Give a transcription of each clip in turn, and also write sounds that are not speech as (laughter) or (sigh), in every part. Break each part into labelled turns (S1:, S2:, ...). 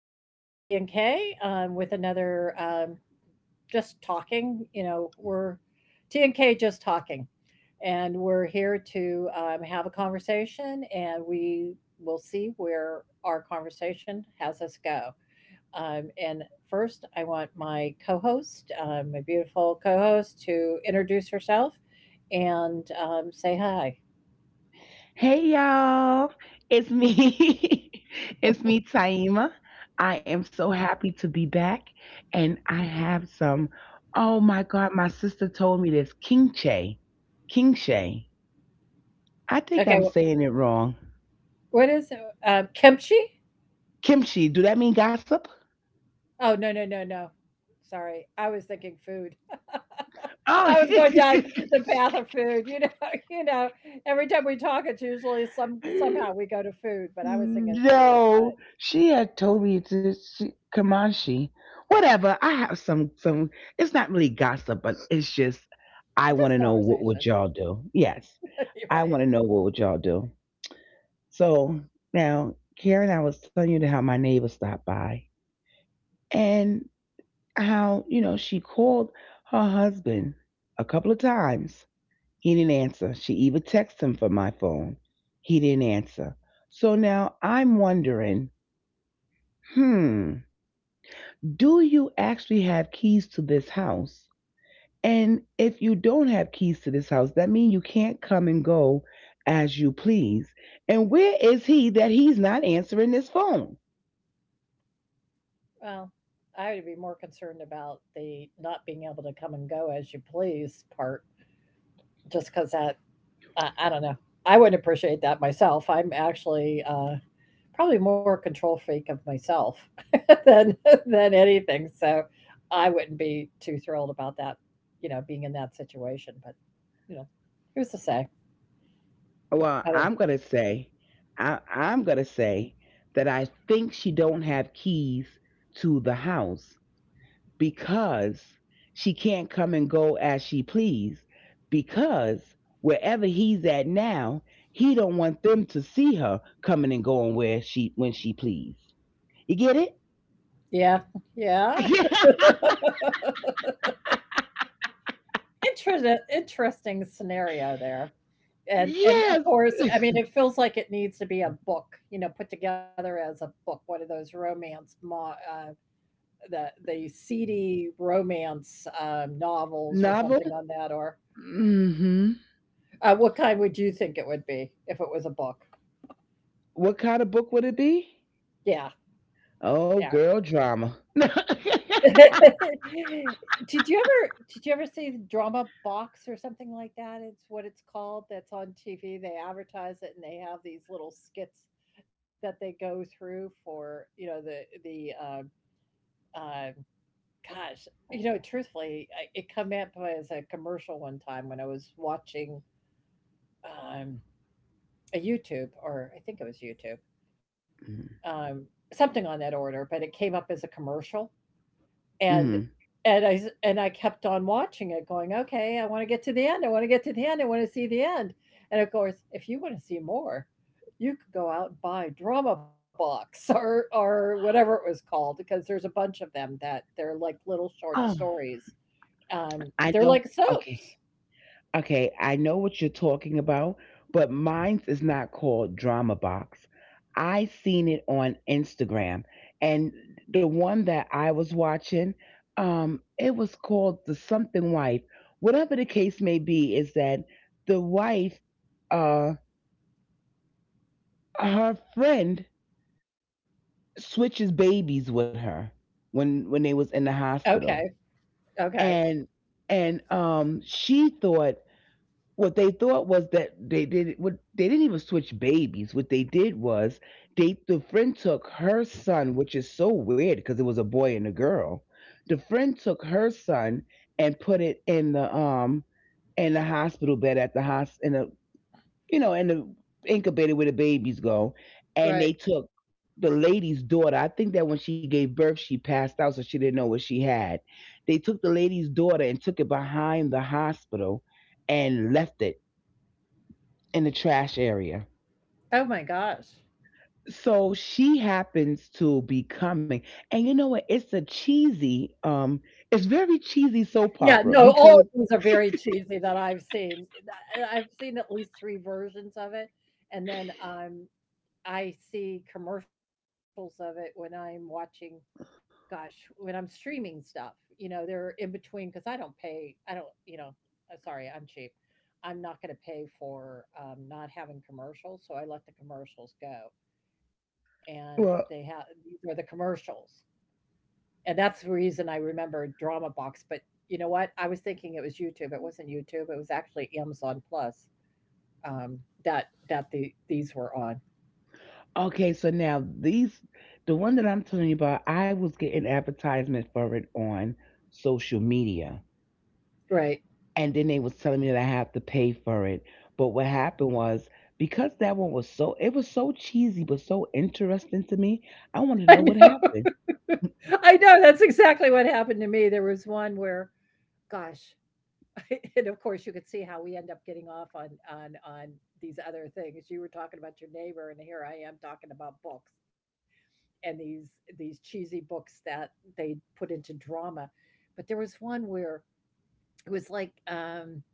S1: this is T and K with another just talking. We're T and K just talking, and we're here to have a conversation, and we will see where our conversation has us go. And first, I want my co-host, my beautiful co-host, to introduce herself and say hi.
S2: Hey y'all, it's me. (laughs) It's me, Taima. I am so happy to be back, and I have some. Oh my God, my sister told me this kimchi, kimchi. I think
S1: Okay,
S2: I'm saying it wrong.
S1: what is it? Kimchi?
S2: Kimchi. Do that mean gossip?
S1: Oh, no, no, no, no. Sorry. I was thinking food. (laughs)
S2: Oh.
S1: I was going down the path of food, (laughs) you know, every time we talk, it's usually somehow
S2: (laughs)
S1: we go to food, but I was
S2: Mm,
S1: thinking food, but
S2: no, she had told me to she, Kamashi. Whatever. I have some. It's not really gossip, but it's just I want
S1: just
S2: to know what would
S1: conversation.
S2: y'all do. Yes,
S1: (laughs) You're
S2: I
S1: right.
S2: want to know what would y'all do. So now, Karen, I was telling you how my neighbor stopped by and how she called her husband a couple of times. He didn't answer. She even texted him from my phone. He didn't answer. So now I'm wondering. hmm, do you actually have keys to this house? And if you don't have keys to this house, that means you can't come and go as you please. And where is he that he's not answering this phone?
S1: Well, I would be more concerned about the not being able to come and go as you please part, just because that, I don't know. I wouldn't appreciate that myself. I'm actually probably more a control freak of myself (laughs) than anything, so I wouldn't be too thrilled about that, being in that situation, but, you know, who's to say?
S2: Well,
S1: I don't.
S2: I'm gonna say, I'm gonna say that I think she don't have keys to the house because she can't come and go as she please because wherever he's at now he don't want them to see her coming and going where she when she please, you get it?
S1: Yeah, yeah.
S2: (laughs)
S1: (laughs) Interesting, interesting scenario there, and of
S2: Yes.
S1: course, I mean, it feels like it needs to be a book, put together as a book, one of those romance mo the seedy romance, novels or
S2: Novel.
S1: something on that or
S2: Mm-hmm.
S1: what kind would you think it would be if it was a book?
S2: What kind of book would it be?
S1: Yeah,
S2: Oh,
S1: yeah.
S2: girl drama. (laughs)
S1: (laughs) Did you ever see the drama box or something like that? It's what it's called that's on TV. They advertise it and they have these little skits that they go through for, the uh, gosh, truthfully, it come up as a commercial one time when I was watching um a YouTube, or I think it was YouTube,
S2: Mm-hmm.
S1: um, something on that order, but it came up as a commercial, and and I kept on watching it, going, okay, I want to get to the end. I want to get to the end. I want to see the end. And of course, if you want to see more, you could go out and buy Drama Box (laughs) or whatever it was called, because there's a bunch of them that they're like little short
S2: Oh,
S1: stories. Um,
S2: I
S1: they're
S2: know.
S1: like
S2: okay
S1: soaps.
S2: Okay, I know what you're talking about, but mine's is not called Drama Box. I seen it on Instagram, and the one that I was watching, it was called the Something Wife. Whatever the case may be, is that the wife, uh, her friend switches babies with her when they was in the
S1: Okay,
S2: hospital,
S1: okay,
S2: and she thought what they thought was that they did what they didn't even switch babies. What they did was the friend took her son, which is so weird because it was a boy and a girl. The friend took her son and put it in the hospital bed at the hos in the in the incubator where the babies go, and
S1: right.
S2: they took the lady's daughter. I think that when she gave birth, she passed out, so she didn't know what she had. They took the lady's daughter and took it behind the hospital and left it in the trash area.
S1: Oh my gosh.
S2: So she happens to be coming. And you know what? It's a cheesy, it's very cheesy soap
S1: Yeah,
S2: opera
S1: no, all of
S2: because,
S1: these are very cheesy that I've seen. I've seen at least 3 versions of it, and then, I see commercials of it when I'm watching gosh, when I'm streaming stuff, they're in between because I don't pay, I don't you know, sorry, I'm cheap. I'm not gonna pay for, not having commercials, so I let the commercials go, and they have
S2: well,
S1: these are the commercials. And that's the reason I remember Drama Box. But you know what? I was thinking it was YouTube. It wasn't YouTube. It was actually Amazon Plus, um, that these were on.
S2: okay, so now the one that I'm telling you about, I was getting advertisement for it on social media.
S1: Right.
S2: And then they was telling me that I have to pay for it. But what happened was because that one was so it was so cheesy but so interesting to me, I wanted to
S1: I
S2: know what
S1: know.
S2: happened. Mm.
S1: (laughs) I know. That's exactly what happened to me. There was one where, gosh, (laughs) and of course you could see how we end up getting off on these other things. You were talking about your neighbor, and here I am talking about books and these cheesy books that they put into drama. But there was one where it was like,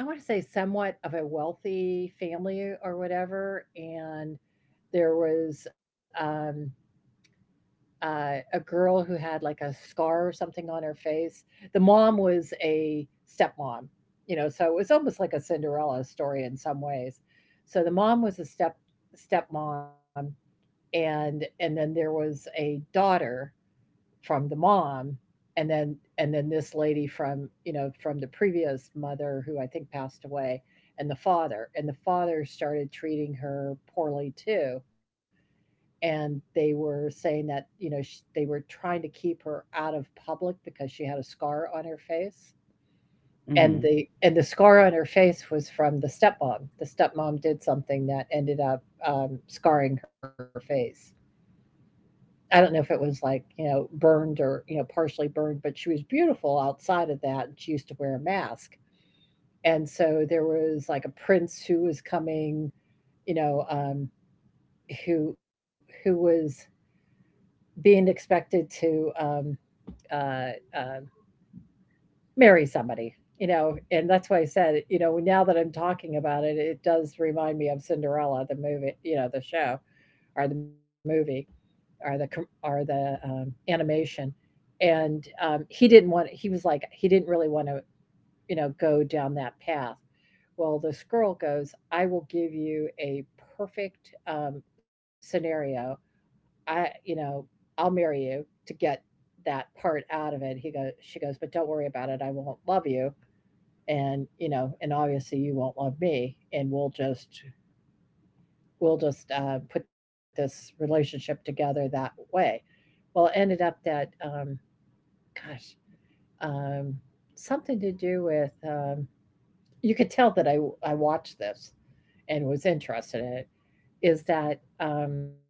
S1: I wanna say somewhat of a wealthy family or whatever, and there was, a girl who had, like, a scar or something on her face. The mom was a stepmom, so it was almost like a Cinderella story in some ways. So the mom was a stepmom, and then there was a daughter from the mom, and then this lady from, from the previous mother, who I think passed away. And the father started treating her poorly too. And they were saying that, you know sh they were trying to keep her out of public because she had a scar on her face. and
S2: Mhm.
S1: the and the scar on her face was from the stepmom. The stepmom did something that ended up scarring her face. I don't know if it was like, burned or, partially burned, but she was beautiful outside of that. And she used to wear a mask. And so there was like a prince who was coming, you know, um, who was being expected to uh, uh, marry somebody, and that's why I said, now that I'm talking about it, it does remind me of Cinderella, the movie, the show or the movie or the animation. And he didn't want, he was like, he didn't really want to go down that path. Well, this girl goes, I will give you a perfect scenario, i you know I'll marry you to get that part out of it. He goes She goes, but don't worry about it, I won't love you, and obviously you won't love me, and we'll just put this relationship together that way. Well, it ended up that, gosh, um, something to do with, you could tell that I watched this and was interested in it, is that,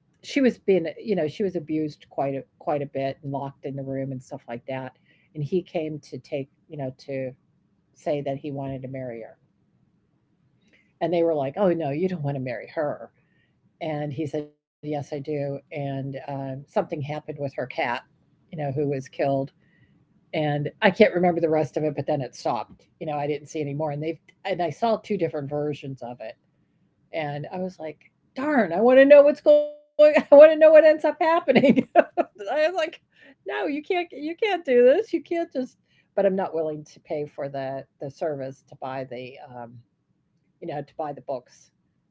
S1: she was abused quite a, quite a bit and locked in the room and stuff like that. And he came to take you know to say that he wanted to marry her. And they were like, oh no, you don't want to marry her. And he said, yes, I do. And something happened with her cat, who was killed. And I can't remember the rest of it, but then it stopped. You know, I didn't see any more. And they've and I saw two different versions of it. And I was like, darn, I want to know what's going (laughs) I want to know what ends up happening. (laughs) I was like, no, you can't do this. You can't just, but I'm not willing to pay for the service to buy the books,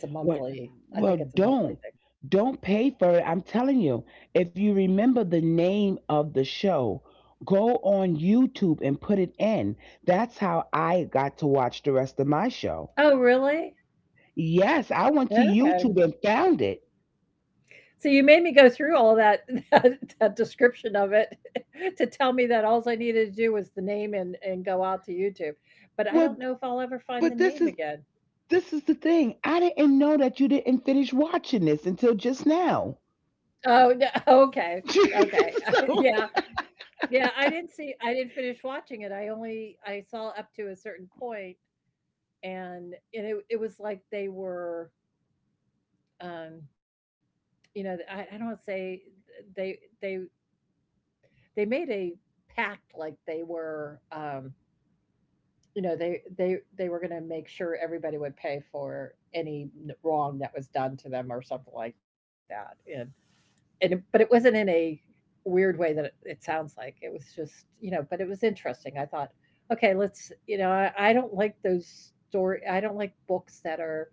S1: because it's
S2: Well,
S1: a monthly
S2: well,
S1: I think it's a
S2: don't
S1: monthly thing.
S2: don't pay for it. I'm telling you, if you remember the name of the show, go on YouTube and put it in. That's how I got to watch the rest of my show.
S1: Oh, really?
S2: Yes, I went to YouTube
S1: Okay.
S2: and found it.
S1: So you made me go through all of that (laughs) that description of it (laughs) to tell me that all I needed to do was the name and go out to YouTube, but I
S2: Well,
S1: don't know if I'll ever find
S2: but
S1: the
S2: this
S1: name
S2: is
S1: again.
S2: this is the thing. I didn't know that you didn't finish watching this until just now.
S1: Oh, no, okay. Okay.
S2: (laughs)
S1: (laughs) Yeah.
S2: So,
S1: Yeah, I didn't see, I didn't finish watching it. I only, I saw up to a certain point, and it was like they were, um I don't say, they they they made a pact, like they were, they were gonna make sure everybody would pay for any wrong that was done to them or something like that. And but it wasn't in a weird way that it sounds like. It was just, but it was interesting. I thought, okay, let's, I don't like those story, I don't like books that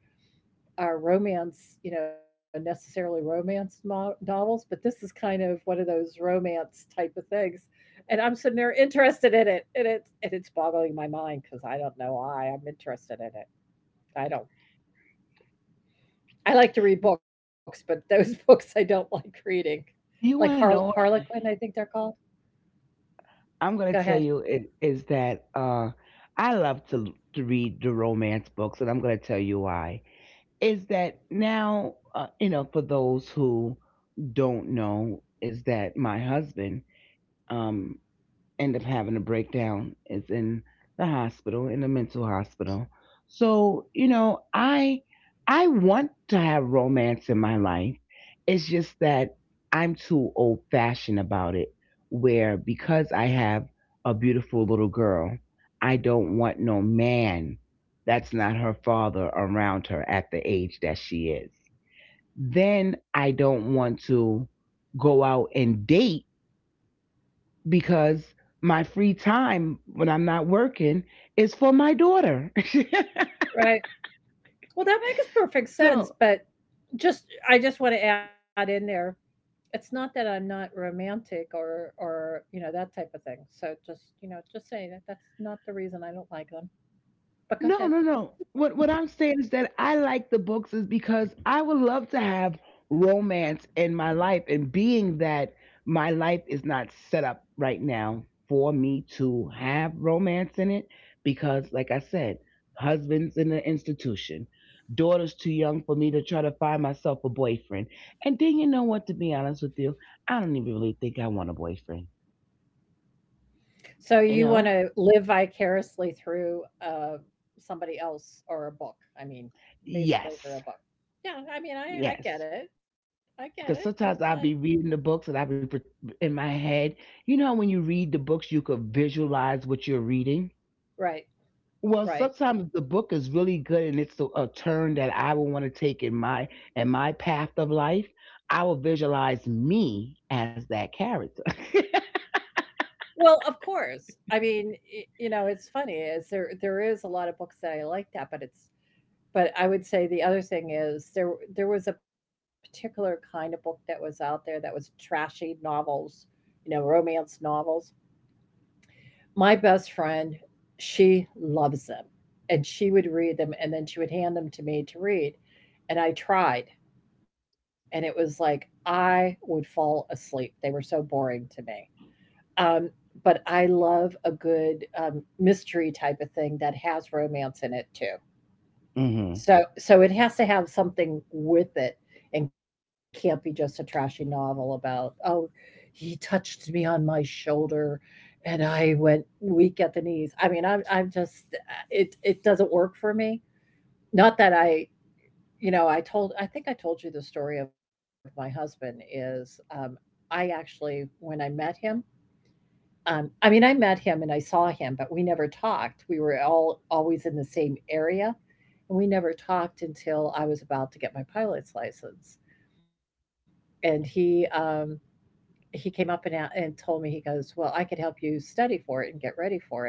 S1: are romance, necessarily romance novels, but this is kind of one of those romance type of things. And I'm sitting there interested in it, and it's boggling my mind because I don't know why I'm interested in it. I don't. I like to read books, but those (laughs) books I don't like reading,
S2: you
S1: like
S2: want to know?
S1: Harlequin, I think they're called.
S2: I'm gonna
S1: Go
S2: tell
S1: ahead.
S2: you it is that I love to read the romance books, and I'm gonna tell you why. Is that now, for those who don't know, is that my husband. um end up having a breakdown. Is in the hospital, in the mental hospital. So, I want to have romance in my life. It's just that I'm too old fashioned about it where because I have a beautiful little girl, I don't want no man that's not her father around her at the age that she is. Then I don't want to go out and date because my free time when I'm not working is for my daughter.
S1: Right. Well, that makes perfect
S2: (laughs)
S1: sense,
S2: So,
S1: but just, I just want to add in there, it's not that I'm not romantic or that type of thing. So just, just say that that's not the reason I don't like them. But go
S2: no, no,
S1: ahead.
S2: no. What I'm saying is that I like the books is because I would love to have romance in my life and being that my life is not set up right now for me to have romance in it because like I said, husband's in the institution. Daughter's too young for me to try to find myself a boyfriend. And then you know what, to be honest with you, I don't even really think I want a boyfriend.
S1: So
S2: You
S1: you want
S2: know?
S1: to live vicariously through somebody else or a book. I mean,
S2: Yes.
S1: basically through a book. Yeah, I mean,
S2: Yes.
S1: I get it. I get it.
S2: Because
S1: I'm
S2: sometimes
S1: not.
S2: I'll be reading the books and I'll be in my head. You know, how when you read the books, you could visualize what you're reading.
S1: Right.
S2: Well,
S1: Right.
S2: sometimes the book is really good and it's a turn that I will want to take in my path of life. I will visualize me as that character.
S1: Well, of course. I mean, it's funny, is there is a lot of books that I like that, but it's. But I would say the other thing is there was a particular kind of book that was out there that was trashy novels, romance novels. My best friend, she loves them. And she would read them and then she would hand them to me to read. And I tried. And it was like I would fall asleep. They were so boring to me. Um, but I love a good mystery type of thing that has romance in it too.
S2: (laughs) Hmm.
S1: So it has to have something with it and can't be just a trashy novel about, "Oh, he touched me on my shoulder and I went weak at the knees." I mean, I'm just it doesn't work for me. Not that I, you know, I told I think I told you the story of my husband is, I actually when I met him I mean, I met him and I saw him, but we never talked. We were all always in the same area, and we never talked until I was about to get my pilot's license. And he came up and and told me he goes, "Well, I could help you study for it and get ready for it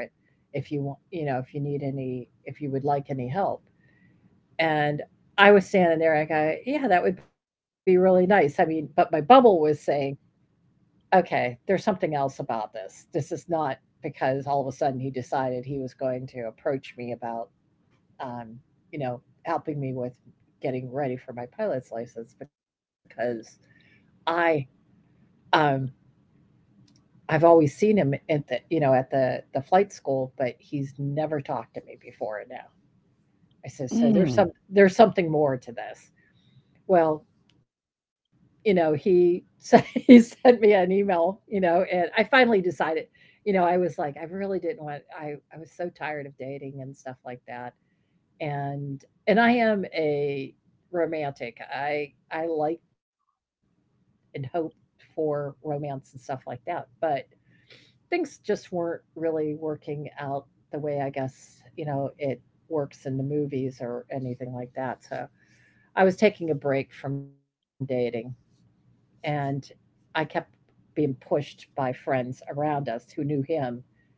S1: if you want, if you need any, if you would like any help." And I was standing there, I go, "Yeah, that would be really nice." I mean, but my bubble was saying, okay, there's something else about this. This is not because all of a sudden he decided he was going to approach me about, um, helping me with getting ready for my pilot's license because I, um, I've always seen him at the, you know, at the flight school, but he's never talked to me before now. I said, so there's
S2: Mm.
S1: some there's something more to this. Well, he sent (laughs) he sent me an email, and I finally decided, I was like, I really didn't want I was so tired of dating and stuff like that. And I am a romantic. I like and hope for romance and stuff like that, but things just weren't really working out the way I guess, it works in the movies or anything like that. So I was taking a break from dating. And I kept being pushed by friends around us who knew him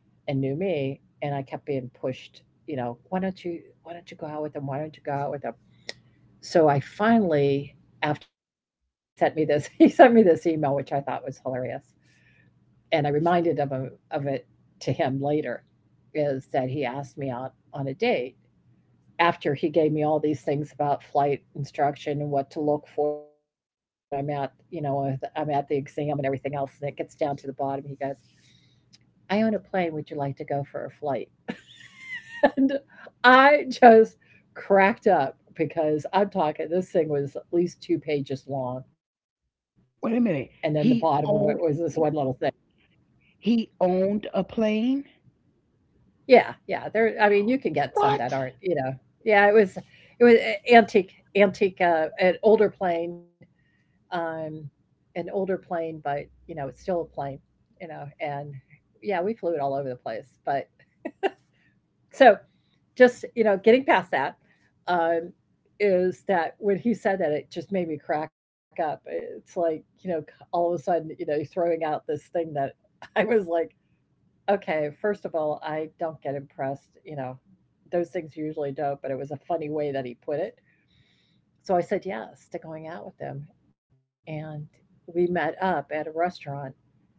S1: and knew me. And I kept being pushed, you know, why don't you, why don't you go out with him? Why don't you go out with him? So I finally, after he sent me this, (laughs) he sent me this email, which I thought was hilarious. And I reminded of him of it to him later, is that he asked me out on a date after he gave me all these things about flight instruction and what to look for when I'm at the exam and everything else, and it gets down to the bottom, he goes, I own a plane. Would you like to go for a flight? (laughs) And I just cracked up because I'm talking, this thing was at least two pages long. And then the
S2: Wait a
S1: bottom
S2: minute.
S1: of it was this
S2: He
S1: one little
S2: owned
S1: thing.
S2: he owned a plane.
S1: Yeah. Yeah. There, I mean, you can get some that aren't,
S2: What?
S1: yeah, it was eh, antique, antique, uh, an older plane um, an older plane, but it's still a plane, and yeah, we flew it all over the place. But so just, getting past that, um, is that when he said that, it just made me crack up. It's like, all of a sudden, throwing out this thing that (laughs) I was like, okay, first of all, I don't get impressed, those things usually don't, but it was a funny way that he put it. So I said yes to going out with them. And we met up at a restaurant.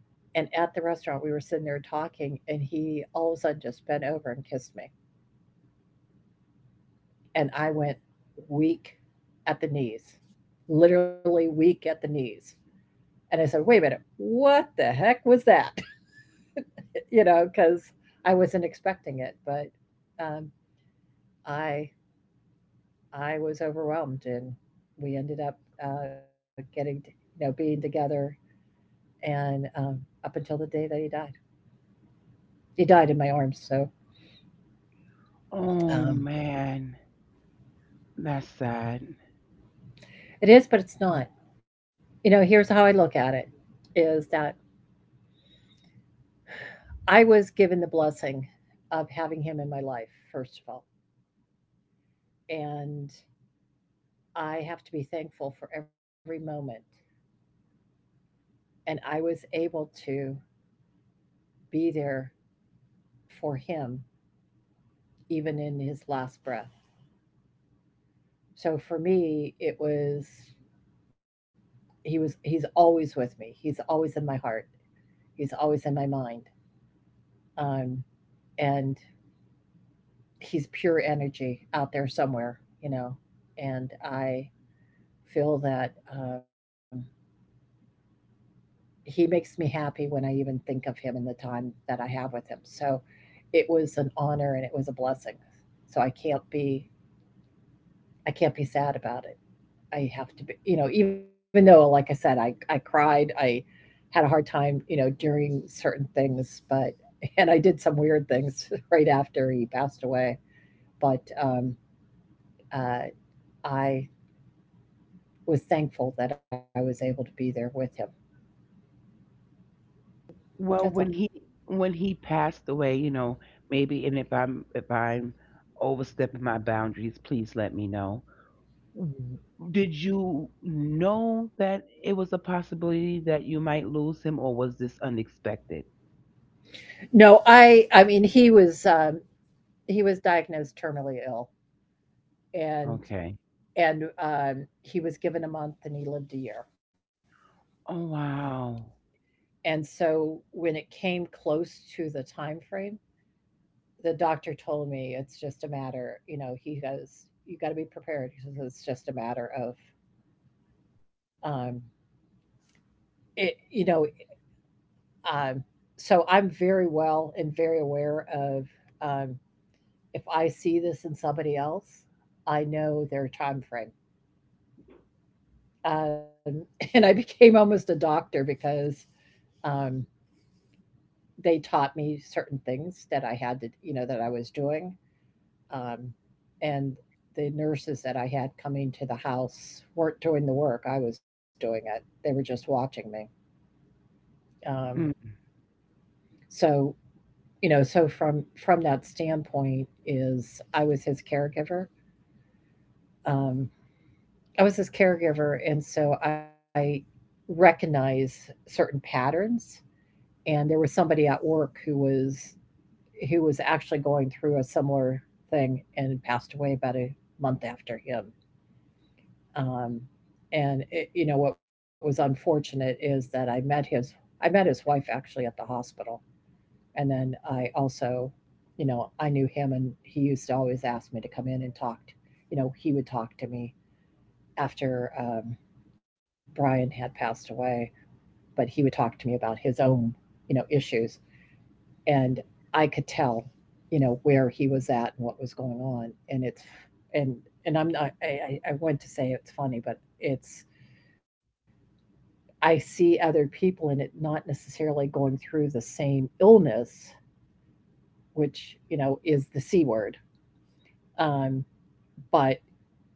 S1: And at the restaurant, we were sitting there talking, and he all of a sudden just bent over and kissed me. And I went weak at the knees, literally weak at the knees. And I said, wait a minute, what the heck was that? (laughs) Because I wasn't expecting it, but um, I I was overwhelmed, and we ended up uh, getting, being together and up until the day that he died. He died in my arms, so
S2: Oh
S1: um,
S2: man, that's sad.
S1: (sighs) it is, but it's not. Here's how I look at it: is that I was given the blessing of having him in my life, first of all, and I have to be thankful for every moment. And I was able to be there for him, even in his last breath. So for me, it was he was he's always with me. He's always in my heart. He's always in my mind um, and he's pure energy out there somewhere. And I feel that he makes me happy when I even think of him and the time that I have with him. So it was an honor and it was a blessing. So I can't be sad about it. I have to be, even though, like I said, I cried, I had a hard time, during certain things, but (laughs) and I did some weird things (laughs) right after he passed away. But uh, I was thankful that I was able to be there with him. That's all.
S2: Well, when he passed away, you know, maybe and if I'm overstepping my boundaries, please let me know. W- Did you know that it was a possibility that you might lose him, or was this unexpected?
S1: No, I mean he was diagnosed terminally ill and
S2: Okay.
S1: and he was given a month and he lived a year.
S2: Oh wow.
S1: And so when it came close to the time frame, the doctor told me it's just a matter, he goes, you got to be prepared. He says it's just a matter of um it you know, um so I'm very well and very aware of um if I see this in somebody else, I know their time frame. Um, (laughs) and I became almost a doctor because um, they taught me certain things that I had to, that I was doing. Um, and the nurses that I had coming to the house weren't doing the work; I was doing it. They were just watching me. Um,
S2: Mm.
S1: so, so from that standpoint, is I was his caregiver. Um, I was his caregiver, and so I recognize certain patterns. And there was somebody at work who was actually going through a similar thing and passed away about a month after him. Um, and it, you know what was unfortunate is that I met his wife actually at the hospital, and then I also, I knew him, and he used to always ask me to come in and talk. He would talk to me after Brian had passed away, but he would talk to me about his own, issues, and I could tell, where he was at and what was going on, and it's and and I'm not I want to say it's funny, but it's I see other people and it not necessarily going through the same illness, which is the c word, um, but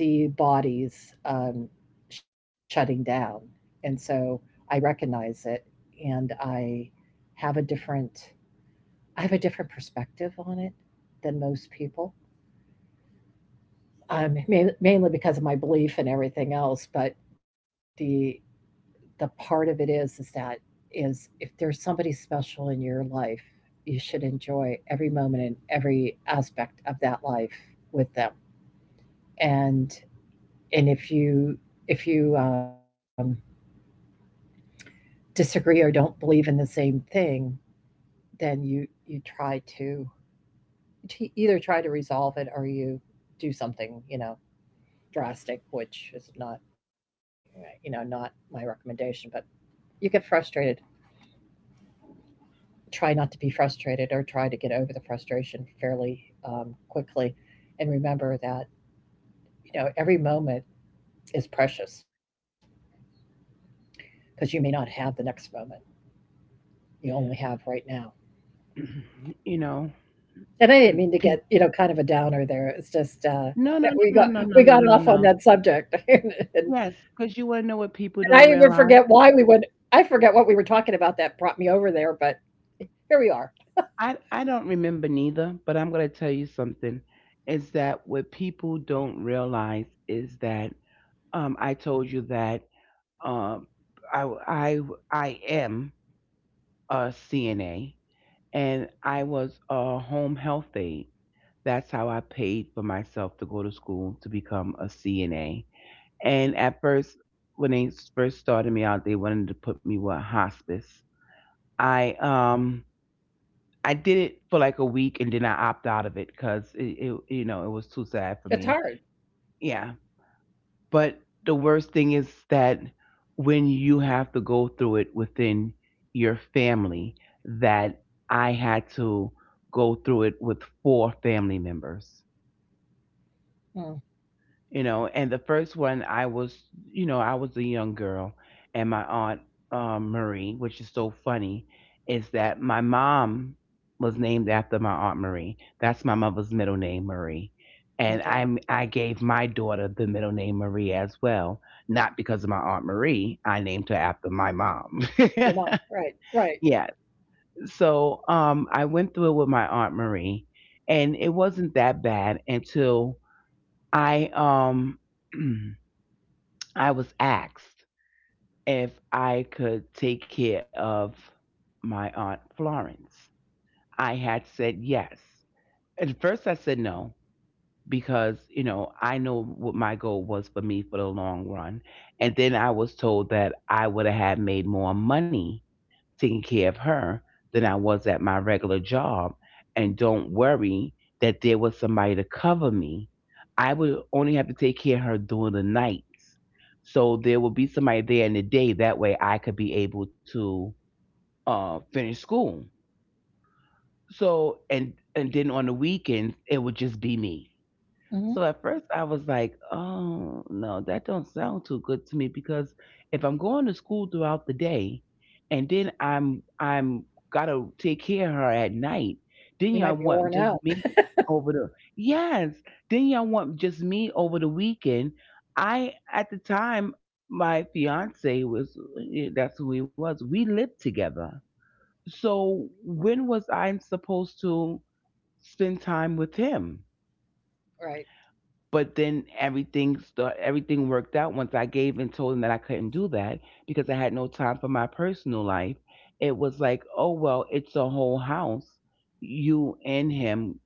S1: I can see bodies shutting down. And so I recognize it and have a different I have a different perspective on it than most people. Mainly because of my belief and everything else, but the the part of it is that is if there's somebody special in your life, you should enjoy every moment and every aspect of that life with them. And and if you disagree or don't believe in the same thing, then you try to either try to resolve it or you do something drastic, which is not my recommendation. But you get frustrated. Try not to be frustrated or try to get over the frustration fairly quickly, and remember that every moment is precious because you may not have the next moment. You only have right now.
S2: (clears throat) you know, (clears throat)
S1: And I
S2: pe-
S1: didn't mean to get, kind of a downer there. It's
S2: no, no,
S1: just,
S2: no, no,
S1: (laughs)
S2: no,
S1: you know,
S2: no, no,
S1: we got
S2: no, no.
S1: we got off on that subject, (laughs) and,
S2: Yes, because
S1: and
S2: you want to know what people
S1: I
S2: don't
S1: even
S2: realize.
S1: forget why we went. I forget what we were talking about that brought me over there, but here we are.
S2: I don't remember neither, but I'm going to tell you something. Is that what people don't realize is that, I told you that, um, I I I am a CNA and I was a home health aide. That's how I paid for myself to go to school to become a CNA. And at first, when they first started me out, they wanted to put me with hospice. I um I did it for like a week and then I opt out of it because it was too sad for me.
S1: It's hard.
S2: Yeah. But the worst thing is that when you have to go through it within your family, that I had to go through it with four family members.
S1: Mm.
S2: And the first one, I was a young girl, and my aunt, Marie, which is so funny, is that my mom was named after my aunt Marie. That's my mother's middle name, Marie. And I
S1: Okay,
S2: gave my daughter the middle name Marie as well, not because of my aunt Marie. I named her after my mom.
S1: your mom, right,
S2: (laughs)
S1: right.
S2: Yeah. So I went through it with my aunt Marie, and it wasn't that bad until I (clears throat) I was asked if I could take care of my aunt Florence. I had said yes. At first, I said no because, I know what my goal was for me for the long run. And then I was told that I would have had made more money taking care of her than I was at my regular job. And don't worry that there was somebody to cover me. I would only have to take care of her during the nights. So there would be somebody there in the day. That way I could be able to finish school. So, and then on the weekends, it would just be me. So at first
S1: Hmm.
S2: I was like, oh no, that don't sound too good to me because if I'm going to school throughout the day and then I'm gotta take care of her at night, then y'all
S1: You might
S2: want
S1: be
S2: just
S1: worn
S2: me
S1: out,
S2: over the yes, then y'all want just me over the weekend. I at the time my fiance was, that's who he was. We lived together. So when was I supposed to spend time with him?
S1: (laughs) right?
S2: But then everything worked out once I gave and told him that I couldn't do that because I had no time for my personal life. It was like, oh well, it's a whole house, you and him,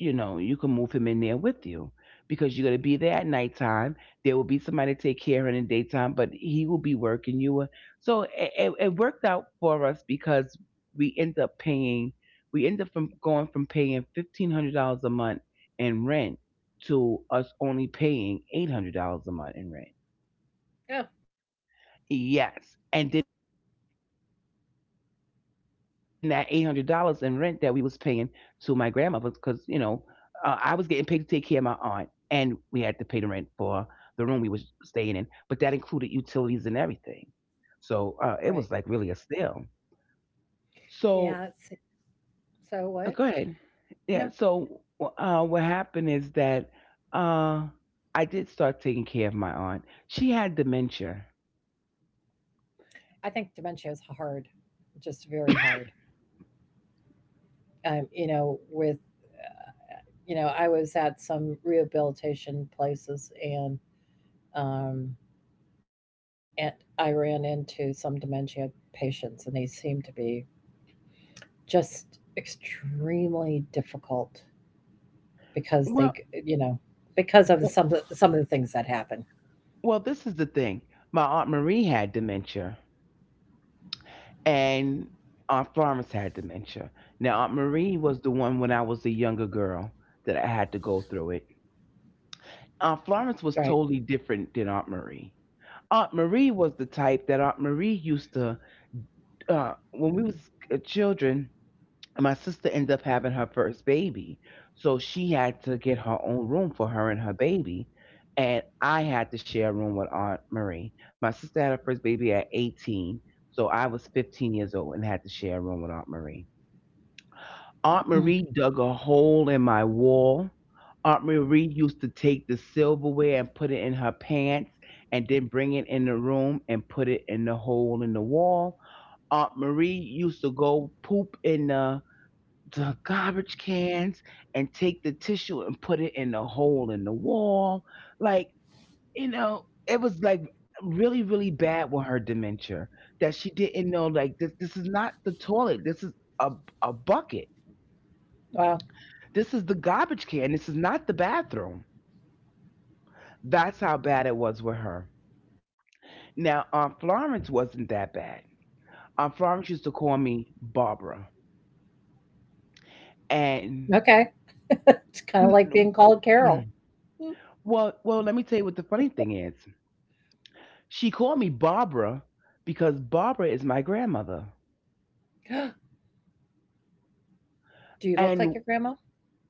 S2: you can move him in there with you because you're going to be there at nighttime. There will be somebody to take care of in the daytime, but he will be working you. So it worked out for us because we end up paying, we end up from going from paying $1,500 a month in rent to us only paying $800 a month in rent.
S1: Yeah,
S2: Yes. And then that $800 in rent that we was paying to my grandmother, because I was getting paid to take care of my aunt, and we had to pay the rent for the room we was staying in, but that included utilities and everything. So it was like
S1: right.
S2: really a steal. So
S1: Yeah. It's,
S2: go
S1: so
S2: ahead.
S1: what?
S2: Yeah.
S1: No,
S2: So what happened is that uh, I did start taking care of my aunt. She had dementia.
S1: I think dementia is hard, just very hard. Um, you know, with I was at some rehabilitation places and Um, and I ran into some dementia patients, and they seem to be just extremely difficult
S2: Well,
S1: because they, g- you know, because of some of the things that happen.
S2: This is the thing. My Aunt Marie had dementia, and Aunt Florence had dementia. Now, Aunt Marie was the one when I was a younger girl that I had to go through it. Aunt Florence was
S1: Right.
S2: totally different than Aunt Marie. Aunt Marie was the type that Aunt Marie used to, when we was children, my sister ended up having her first baby. So she had to get her own room for her and her baby. And I had to share a room with Aunt Marie. My sister had her first baby at 18. So I was 15 years old and had to share a room with Aunt Marie. Aunt
S1: Mm.
S2: Marie dug a hole in my wall. Aunt Marie used to take the silverware and put it in her pants and then bring it in the room and put it in the hole in the wall. Aunt Marie used to go poop in the garbage cans and take the tissue and put it in the hole in the wall. Like, you know, it was like really, really bad with her dementia that she didn't know, like, this is not the toilet. This is a a bucket.
S1: Wow.
S2: This is the garbage can. This is not the bathroom. That's how bad it was with her. Now, Aunt Florence wasn't that bad. Aunt Florence used to call me Barbara. And
S1: Okay. It's kind of
S2: (clears throat)
S1: like being called Carol. Mm.
S2: Well, let me tell you what the funny thing is. She called me Barbara because Barbara is my grandmother.
S1: (gasps) Do
S2: And
S1: you look like your grandma?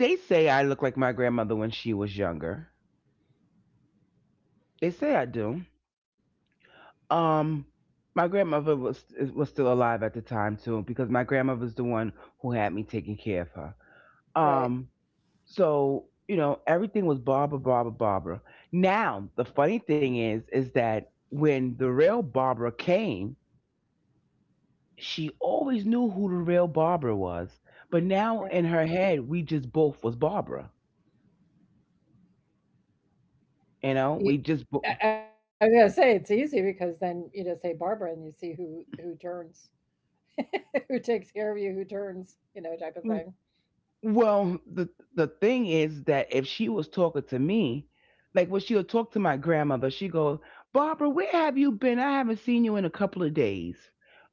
S2: they say I look like my grandmother when she was younger. They say I do. Um, my grandmother was still alive at the time too, because my grandmother's the one who had me taking care of her. Um,
S1: Right.
S2: so, you know, everything was Barbara, Barbara, Barbara. Now the funny thing is that when the real Barbara came, she always knew who the real Barbara was, but now in her
S1: Right.
S2: head we just both was Barbara. You know,
S1: You, I was gonna say it's easy because then you just say Barbara, and you see who turns, (laughs) who takes care of you, who turns, type of thing.
S2: well the thing is that if she was talking to me, like when she would talk to my grandmother, she go, Barbara, where have you been? I haven't seen you in a couple of days.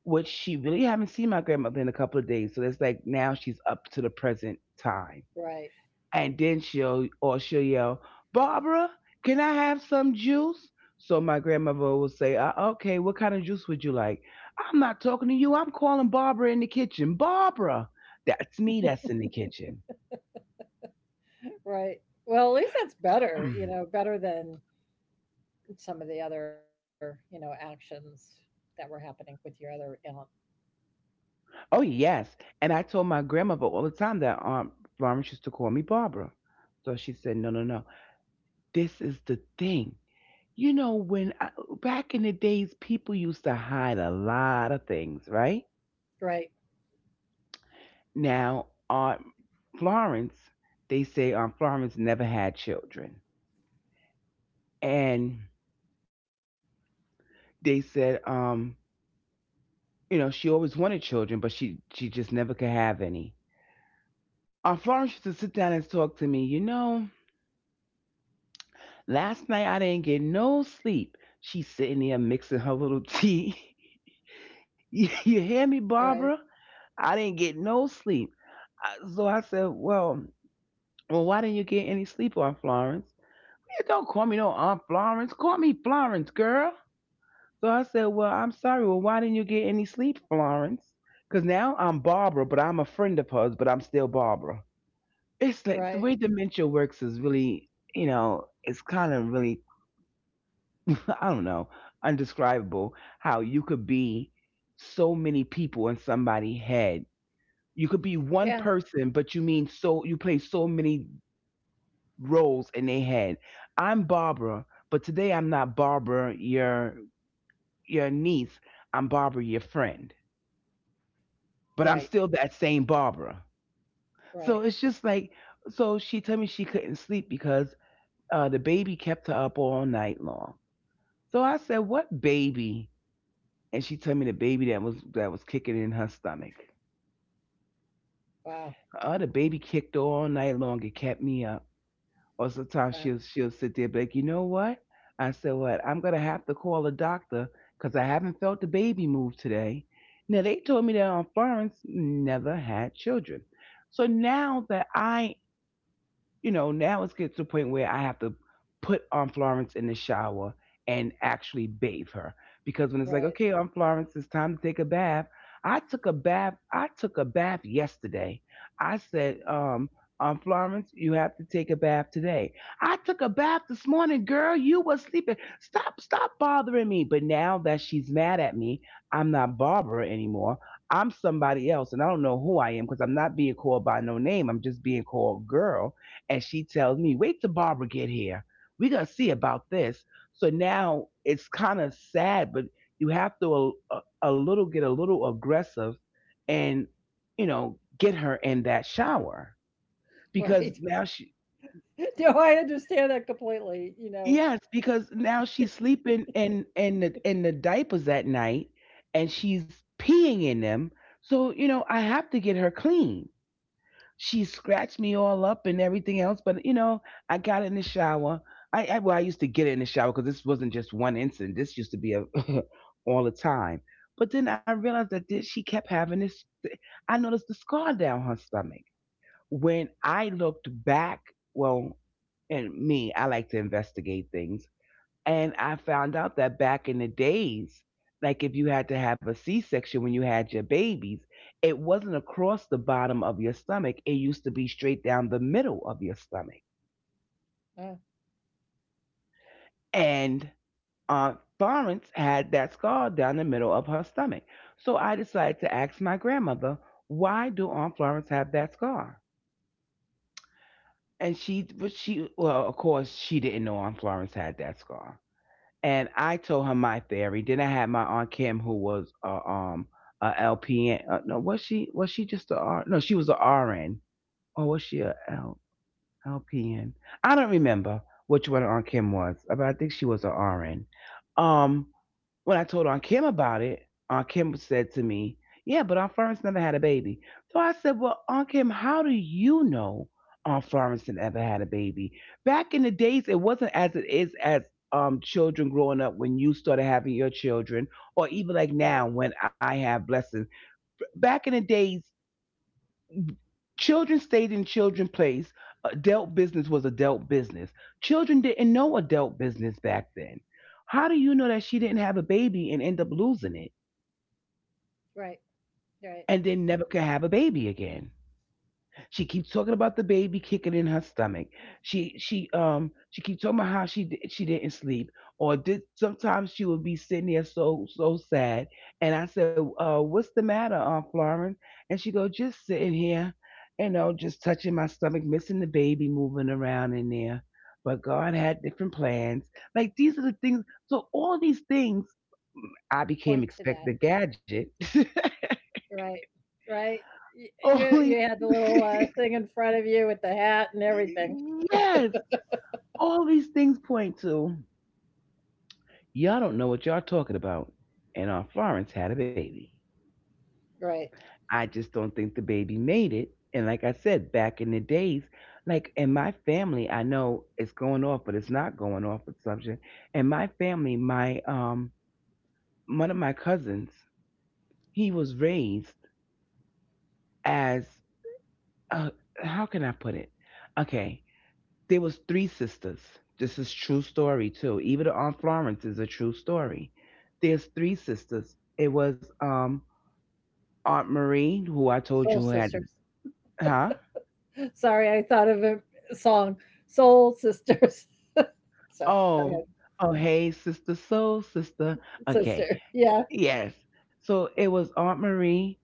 S2: Which she really haven't seen my grandmother in a couple of days. So that's like now she's up to the present time.
S1: Right.
S2: And then she'll or she'll yell, Barbara, can I have some juice? So my grandmother will say, okay, what kind of juice would you like? I'm not talking to you. I'm calling Barbara in the kitchen. Barbara, that's me that's in the kitchen.
S1: Right. Well, at least that's better, you know,
S2: (clears throat)
S1: better than some of the other, you know, actions that were happening with your other aunt.
S2: Oh, yes. And I told my grandmother all the time that Aunt Florence used to call me Barbara. So she said, no, no, no. This is the thing. You know, when I, back in the days, people used to hide a lot of things, right?
S1: Right.
S2: Now, on Florence, they say Florence never had children, and they said, you know, she always wanted children, but she just never could have any. Florence used to sit down and talk to me. You know, last night I didn't get no sleep. She's sitting there mixing her little tea. (laughs) You hear me,
S1: Right.
S2: Barbara? I didn't get no sleep. So I said, well, why didn't you get any sleep, Aunt Florence? "Yeah, don't call me no Aunt Florence. Call me Florence, girl." So I said, well, I'm sorry. Well, why didn't you get any sleep, Florence? Because now I'm Barbara, but I'm a friend of hers, but I'm still Barbara. It's
S1: Right.
S2: like the way dementia works is really, you know, it's kind of really, (laughs) I don't know, undescribable how you could be so many people in somebody's head. You could be
S1: Yeah.
S2: one person, but you play so many roles in their head. I'm Barbara, but today I'm not Barbara, your niece. I'm Barbara, your friend, but I'm
S1: Right.
S2: still that same Barbara.
S1: Right.
S2: So it's just like, so she told me she couldn't sleep because the baby kept her up all night long. So I said, "What baby?" And she told me the baby that was kicking in her stomach.
S1: Wow.
S2: Oh, the baby kicked her all night long. It kept me up. Or sometimes
S1: Uh,
S2: she'll sit there, and be like, "You know what?" I said, "What? I'm gonna have to call a doctor because I haven't felt the baby move today." Now they told me that on Florence never had children. So now that now it's get to the point where I have to put Aunt Florence in the shower and actually bathe her. Because when it's like,
S1: right.
S2: okay, Aunt Florence, it's time to take a bath. I took a bath. I took a bath yesterday. I said, Aunt Florence, you have to take a bath today. I took a bath this morning, girl. You were sleeping. Stop, stop bothering me. But now that she's mad at me, I'm not Barbara anymore. I'm somebody else, and I don't know who I am because I'm not being called by no name. I'm just being called girl, and she tells me, "Wait till Barbara get here. We're gonna see about this." So now it's kind of sad, but you have to a, little get a little aggressive, and you know, get her in that shower because
S1: Right.
S2: now she
S1: (laughs) No, I understand that completely, you know.
S2: yes, because now she's sleeping in in the
S1: (laughs) (laughs)
S2: in the diapers at night, and she's peeing in them. So you know, I have to get her clean, she scratched me all up and everything else. But you know, I got in the shower. I well, I used to get it in the shower because this wasn't just one incident. This used to be a (laughs) all the time. But then I realized that she kept having this. I noticed the scar down her stomach. When I looked back, well, and me, I like to investigate things. And I found out that back in the days, like if you had to have a C section when you had your babies, it wasn't across the bottom of your stomach. It used to be straight down the middle of your stomach.
S1: Uh,
S2: And Aunt Florence had that scar down the middle of her stomach. So I decided to ask my grandmother, why do Aunt Florence have that scar? And well, of course, she didn't know Aunt Florence had that scar, and I told her my theory. Then I had my Aunt Kim, who was a LPN. No, was she just a R? No, she was a RN, or was she a L, LPN? I don't remember which one Aunt Kim was, but I think she was a RN. Um, when I told Aunt Kim about it, Aunt Kim said to me, yeah, but Aunt Florence never had a baby. So I said, well, Aunt Kim, how do you know Aunt Florence never had a baby? Back in the days, it wasn't as it is as children growing up when you started having your children, or even like
S1: right,
S2: now when I have blessings. Back in the days, children stayed in children place. Adult business was adult business. Children didn't know adult business back then. How do you know that she didn't have a baby and end up losing it?
S1: right,
S2: And
S1: right.
S2: then never could have a baby again. She keeps talking about the baby kicking in her stomach. She keeps talking about how she didn't sleep or did. Sometimes she would be sitting there so so sad, and I said, "What's the matter, Aunt Florence?" And she go, "Just sitting here, you know, just touching my stomach, missing the baby moving around in there." But God had different plans. Like, these are the things. So all these things,
S1: Point
S2: I
S1: to that.
S2: became expected gadget. (laughs)
S1: Right, right. Y- You
S2: All
S1: you
S2: these.
S1: had the little thing
S2: (laughs)
S1: in front of you with the hat and everything.
S2: Yes, all these things point to y'all don't know what y'all talking about. And Aunt Florence had a baby.
S1: Right.
S2: I just don't think the baby made it. And like I said, back in the days, like in my family, I know it's going off, but it's not going off assumption. In my family, my one of my cousins, he was raised as uh, how can I put it? Okay, there was three sisters. This is true story too. Even Aunt Florence is a true story. There's three sisters. It was Aunt Marie, who I
S1: Soul
S2: told you had
S1: Sisters.
S2: huh?
S1: Sorry, I thought of a song, Soul Sisters. (laughs) So, go
S2: Oh,
S1: ahead,
S2: oh, hey, sister soul, sister.
S1: sister.
S2: Okay.
S1: Yeah.
S2: Yes. So it was Aunt Marie.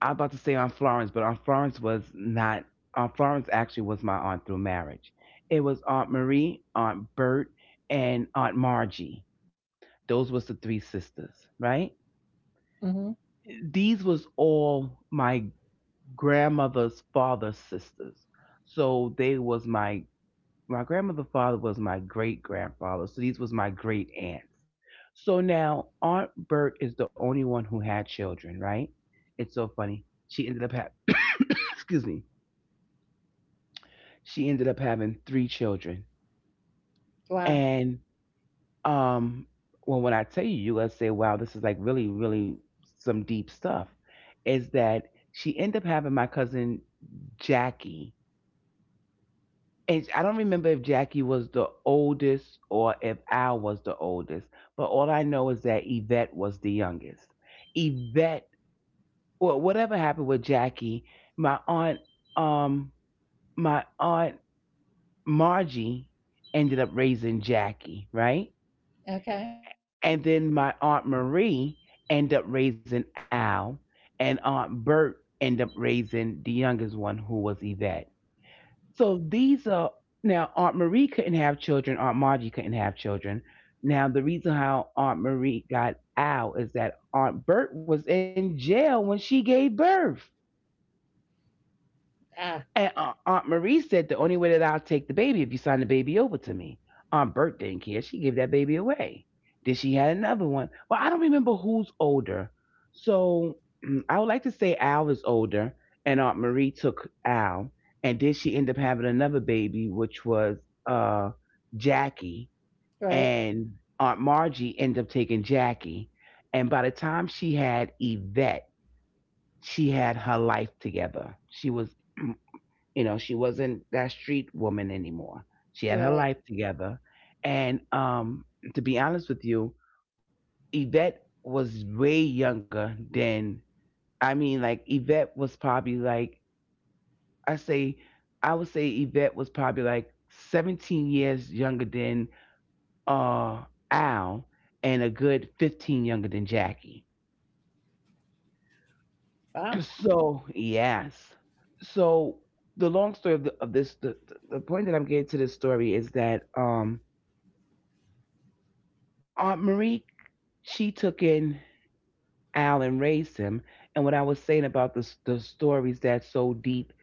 S2: I was about to say Aunt Florence, but Aunt Florence was not Aunt Florence actually was my aunt through marriage. It was Aunt Marie, Aunt Bert, and Aunt Margie. Those was the three sisters, right?
S1: Mhm.
S2: These was all my grandmother's father's sisters. So they was my grandmother's father was my great grandfather. So these was my great aunts. So now Aunt Bert is the only one who had children, right? It's so funny. She ended up having (coughs) excuse me. She ended up having three children.
S1: Wow.
S2: And Um, well, when I tell you, you're gonna say, "Wow, this is like really, really some deep stuff." Is that she ended up having my cousin Jackie, and I don't remember if Jackie was the oldest or if Al was the oldest, but all I know is that Yvette was the youngest. Yvette, well, whatever happened with Jackie, my aunt, um, my aunt Margie ended up raising Jackie, right?
S1: Okay.
S2: And then my Aunt Marie ended up raising Al, and Aunt Bert ended up raising the youngest one, who was Yvette. So these are Now Aunt Marie couldn't have children, Aunt Margie couldn't have children. Now the reason how Aunt Marie got Al is that Aunt Bert was in jail when she gave birth.
S1: Ah,
S2: And Aunt Marie said, the only way that I'll take the baby if you sign the baby over to me. Aunt Bert didn't care. She gave that baby away. Then she had another one. Well, I don't remember who's older. So I would like to say Al is older, and Aunt Marie took Al, and then she ended up having another baby, which was uh Jackie,
S1: right.
S2: and Aunt Margie ended up taking Jackie. And by the time she had Yvette, she had her life together. She was mm, you know, she wasn't that street woman anymore. She had her
S1: Right.
S2: life together. And To be honest with you, Yvette was way younger than, I mean, like, Yvette was probably like, I say, I would say Yvette was probably like 17 years younger than uh, Al and a good 15 younger than Jackie.
S1: Wow.
S2: So, yes. So, the long story of, the, of this, the point that I'm getting to this story is that Aunt Marie, she took in Al and raised him. And what I was saying about the stories that's so deep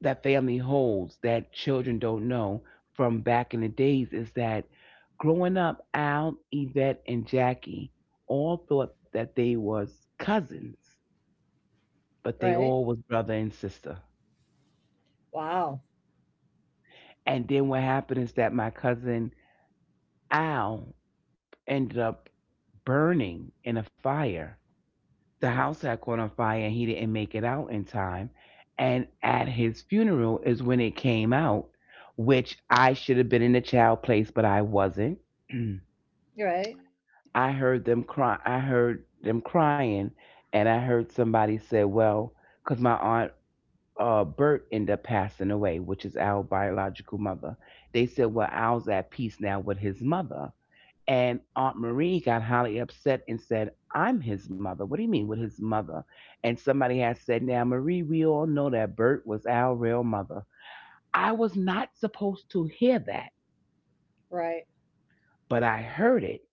S2: that family holds that children don't know from back in the days is that growing up, Al, Yvette, and Jackie all thought that they was cousins, but they
S1: Right.
S2: all was brother and sister.
S1: Wow.
S2: And then what happened is that my cousin Al ended up burning in a fire. The house had caught on fire and he didn't make it out in time. And at his funeral is when it came out, which I should have been in the child place, but I wasn't.
S1: Right.
S2: (clears throat) I heard them cry. I heard them crying, and I heard somebody say, "Well, because my aunt Bert ended up passing away, which is our biological mother." They said, "Well, Al's at peace now with his mother." And Aunt Marie got highly upset and said, I'm his mother. What do you mean with his mother? And somebody had said, now, Marie, we all know that Bert was our real mother. I was not supposed to hear that,
S1: Right.
S2: but I heard it.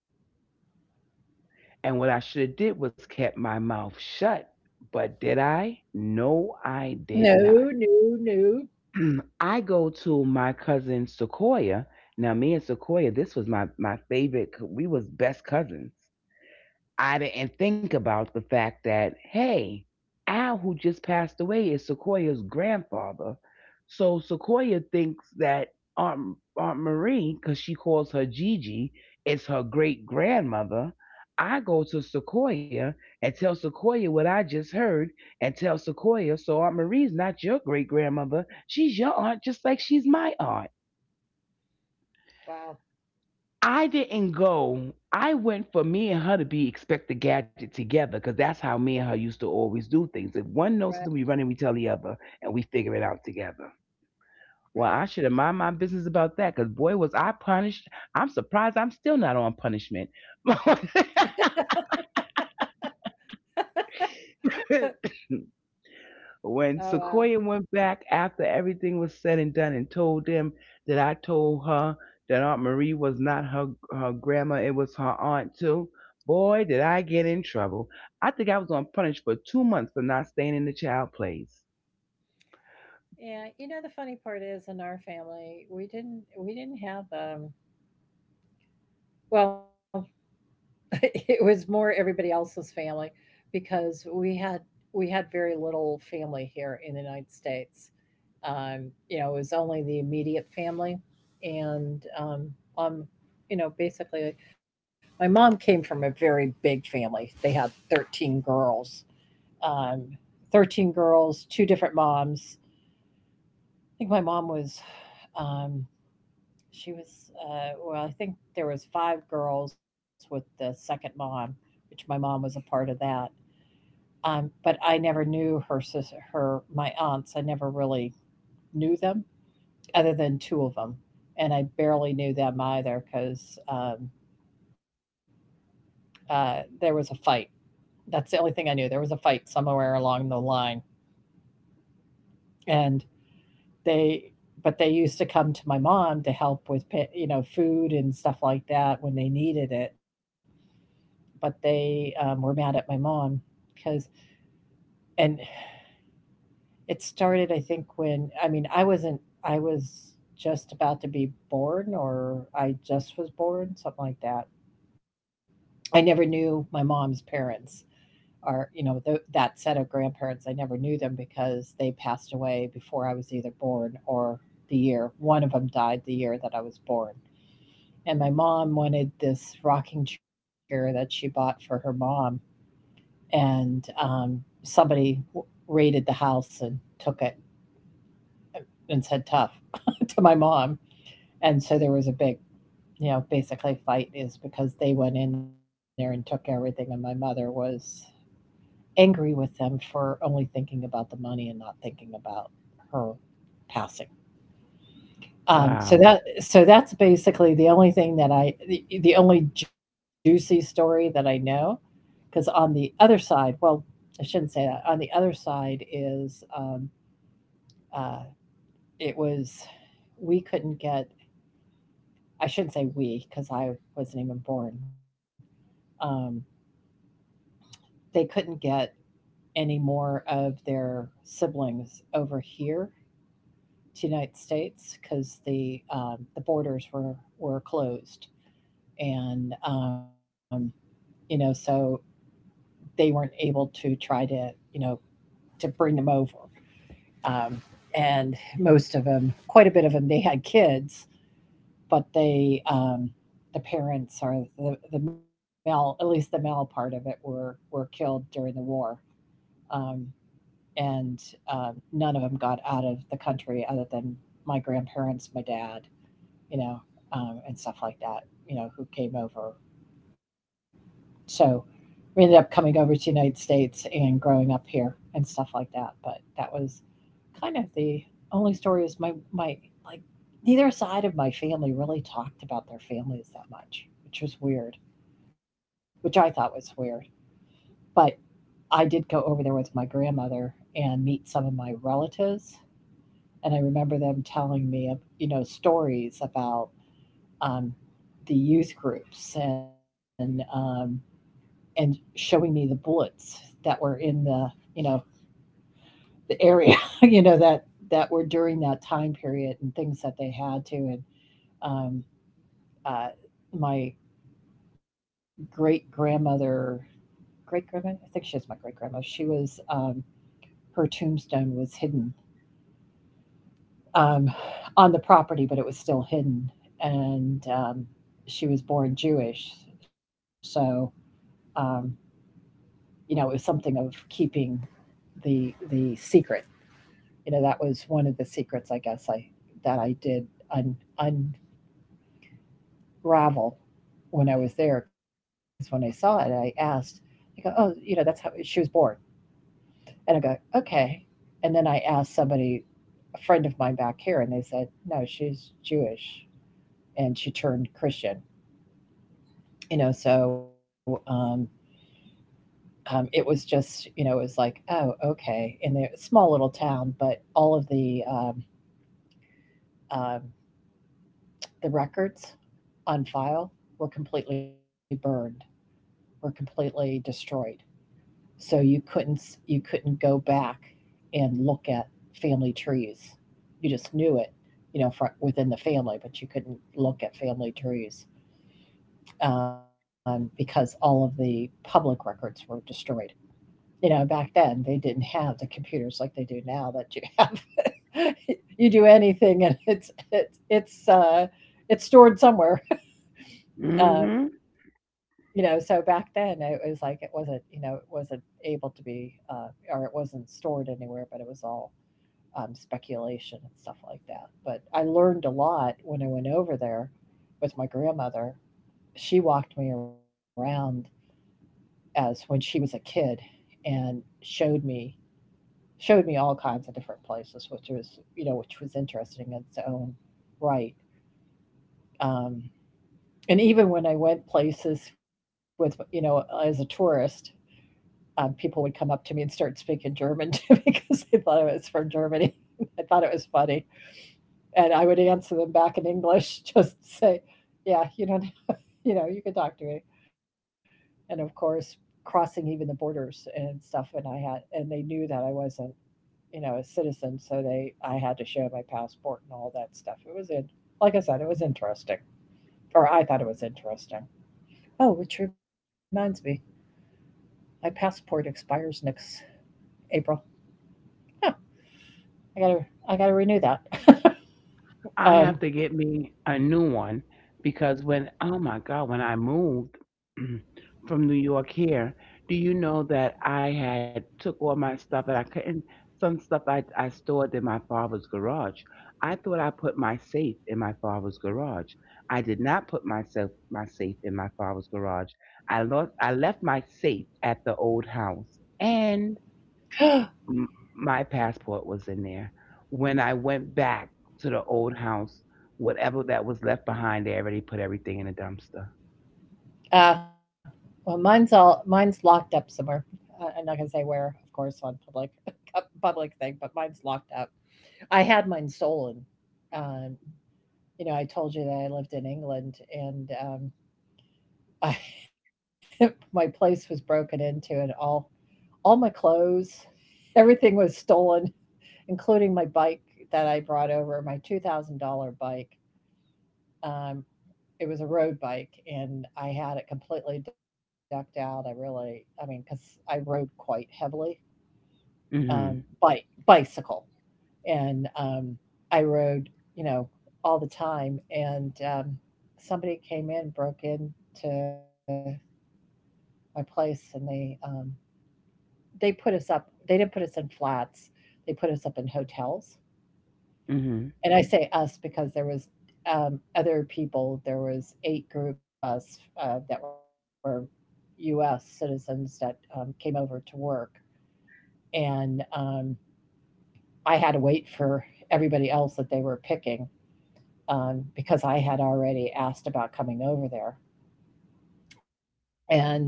S2: And what I should have did was kept my mouth shut. But did I? No, I
S1: No,
S2: did not.
S1: no, no.
S2: (clears throat) I go to my cousin Sequoia. Now, me and Sequoia, this was my favorite. We was best cousins. I didn't think about the fact that, hey, Al, who just passed away, is Sequoia's grandfather. So Sequoia thinks that Aunt Marie, because she calls her Gigi, is her great grandmother. I go to Sequoia and tell Sequoia what I just heard and tell Sequoia, so Aunt Marie's not your great grandmother. She's your aunt just like she's my aunt.
S1: Wow.
S2: I didn't go. I went for me and her to be expect the gadget together because that's how me and her used to always do things. If one knows something, we
S1: Right.
S2: run and we tell the other and we figure it out together. Well, I
S1: Right.
S2: should have mind my business about that because boy, was I punished. I'm surprised I'm still not on punishment.
S1: (laughs)
S2: (laughs) When
S1: Oh, wow.
S2: Sequoia went back after everything was said and done and told them that I told her that Aunt Marie was not her grandma, it was her aunt too. Boy, did I get in trouble. I think I was on punished for 2 months for not staying in the child place.
S1: Yeah, you know, the funny part is in our family, we didn't have well, (laughs) it was more everybody else's family because we had very little family here in the United States. You know, it was only the immediate family, and um, you know, basically, my mom came from a very big family. They had 13 girls, 13 girls, two different moms. I think my mom was um, she was, well, I think there was 5 girls with the second mom, which my mom was a part of that. But I never knew her sister, her my aunts. I never really knew them, other than two of them, and I barely knew them either because um, there was a fight. That's the only thing I knew. There was a fight somewhere along the line, and they, but they used to come to my mom to help with, you know, food and stuff like that when they needed it, but they were mad at my mom because, and it started, I think, when I mean, I wasn't, I was just about to be born, or I just was born, something like that. I never knew my mom's parents or, you know, th that set of grandparents. I never knew them because they passed away before I was either born or the year. One of them died the year that I was born. And my mom wanted this rocking chair that she bought for her mom, and somebody raided the house and took it and said tough (laughs) to my mom, and so there was a big, you know, basically fight is because they went in there and took everything, and my mother was angry with them for only thinking about the money and not thinking about her passing. So
S2: Wow.
S1: that so that's basically the only thing that the only juicy story that I know, because on the other side, well, I shouldn't say that. On the other side is uh, it was we couldn't get, I shouldn't say we because I wasn't even born, um, they couldn't get any more of their siblings over here to the United States because the borders were closed, and you know, so they weren't able to try to, you know, to bring them over. Um, and Most of them, quite a bit of them, they had kids, but they the parents, or the male, at least the male part of it, were killed during the war. Um, and None of them got out of the country other than my grandparents, my dad, you know, and stuff like that, you know, who came over. So we ended up coming over to the United States and growing up here and stuff like that. But that was kind of the only story is my my like neither side of my family really talked about their families that much, which was weird, which I thought was weird. But I did go over there with my grandmother and meet some of my relatives. And I remember them telling me, you know, stories about um, the youth groups, and showing me the bullets that were in the, you know, the area (laughs) you know, that that were during that time period and things that they had to, and um, uh, my great grandmother great grandmother I think she was my great grandmother. She was her tombstone was hidden um, on the property, but it was still hidden, and she was born Jewish. So um, you know, it was something of keeping the secret, you know, that was one of the secrets, I guess, I that I did un, unravel when I was there. Because when I saw it, I asked, I go, oh, you know, that's how she was born, and I go, okay. And then I asked somebody, a friend of mine back here, and they said, no, she's Jewish, and she turned Christian. You know, so it was just, you know, it was like, oh, okay, in the small little town, but all of um, the records on file were completely burned, were completely destroyed. So you couldn't go back and look at family trees. You just knew it, you know, within the family, but you couldn't look at family trees because all of the public records were destroyed. You know, back then they didn't have the computers like they do now that you have. (laughs) You do anything, and it's stored somewhere. (laughs) Um,
S2: Hmm.
S1: you know, so back then it was like it wasn't, you know, it wasn't able to be or it wasn't stored anywhere, but it was all speculation and stuff like that. But I learned a lot when I went over there with my grandmother. She walked me around as when she was a kid and showed me all kinds of different places, which was, you know, which was interesting in its own right. um, and even when I went places with, you know, as a tourist, people would come up to me and start speaking German to me (laughs) because they thought I was from Germany. (laughs) I thought it was funny, and I would answer them back in English, (laughs) just say, "Yeah, you don't, (laughs) you know, you can talk to me." And of course, crossing even the borders and stuff, and and they knew that I wasn't, you know, a citizen, so I had to show my passport and all that stuff. It was in, like I said, it was interesting, or I thought it was interesting. Oh, which reminds me, my passport expires next April. Huh. I gotta I gotta renew that. (laughs)
S2: I
S1: um,
S2: have to get me a new one because when, oh my god, when I moved (clears throat) from New York here, do you know that I had took all my stuff and I couldn't some stuff I stored in my father's garage. I thought I put my safe in my father's garage. I did not put myself my safe in my father's garage. I left my safe at the old house. And
S1: (gasps)
S2: m- my passport was in there. When I went back to the old house, whatever that was left behind, they already put everything in a dumpster.
S1: uh, well, mine's locked up somewhere. I'm not gonna say where, of course, on public (laughs) a public thing, but mine's locked up. I had mine stolen. Um, you know, I told you that I lived in England, and I, (laughs) my place was broken into, and all my clothes, (laughs) everything was stolen, including my bike that I brought over, my $2,000 bike. Um, it was a road bike, and I had it completely decked out. I really, I mean, because I rode quite heavily,
S2: Hmm.
S1: bicycle, and I rode, you know, all the time. And somebody came in, broke into my place, and they put us up. They didn't put us in flats. They put us up in hotels,
S2: Hmm.
S1: and I say us because there was other people. There was eight groups of us that were U.S. citizens that came over to work, and I had to wait for everybody else that they were picking because I had already asked about coming over there, and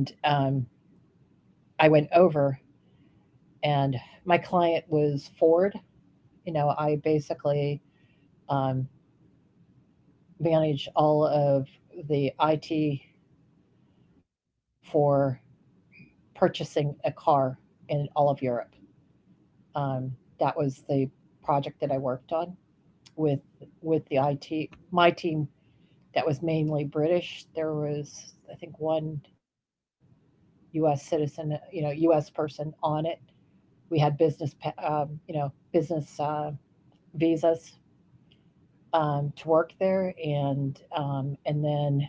S1: I went over, and my client was Ford. You know, I basically um, manage all of the IT for purchasing a car in all of Europe. Um, that was the project that I worked on with with the IT, my team, that was mainly British. There was, I think, one U.S. citizen, you know, U.S. person on it. We had business, you know, business visas to work there, and then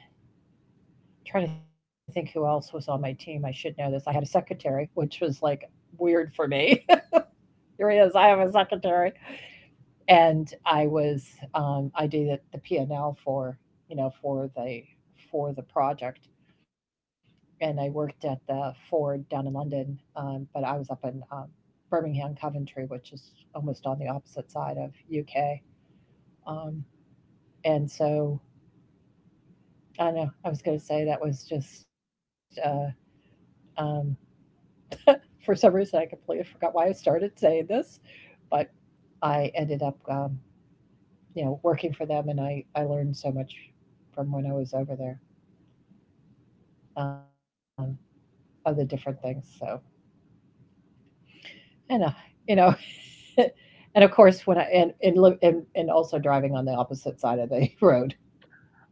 S1: trying to think who else was on my team. I should know this. I had a secretary, which was like weird for me. There he is. I have a secretary, and I was I did the P&L for, you know, for the, for the project, and I worked at the Ford down in London, but I was up in Birmingham, Coventry, which is almost on the opposite side of UK, um, and so I don't know I was going to say that was just. Um, for some reason, I completely forgot why I started saying this, but I ended up you know, working for them, and I learned so much from when I was over there um, of the different things. So and you know, (laughs) and of course when I and also driving on the opposite side of the (laughs) road.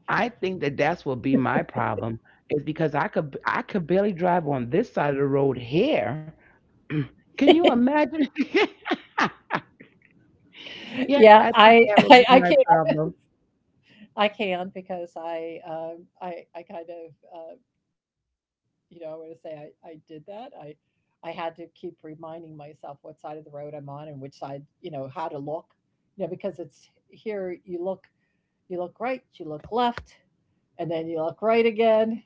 S2: I think that that's what be my problem is because I could barely drive on this side of the road here. (clears throat) Can you imagine? (laughs) Yes,
S1: Yeah,
S2: I
S1: I
S2: think
S1: (laughs)
S2: that
S1: I,
S2: would be
S1: I can.
S2: my problem.
S1: I can because I kind of I want to say I did that I. I had to keep reminding myself what side of the road I'm on and which side, you know, how to look, you know, because it's here you look. You look right, you look left, and then you look right again,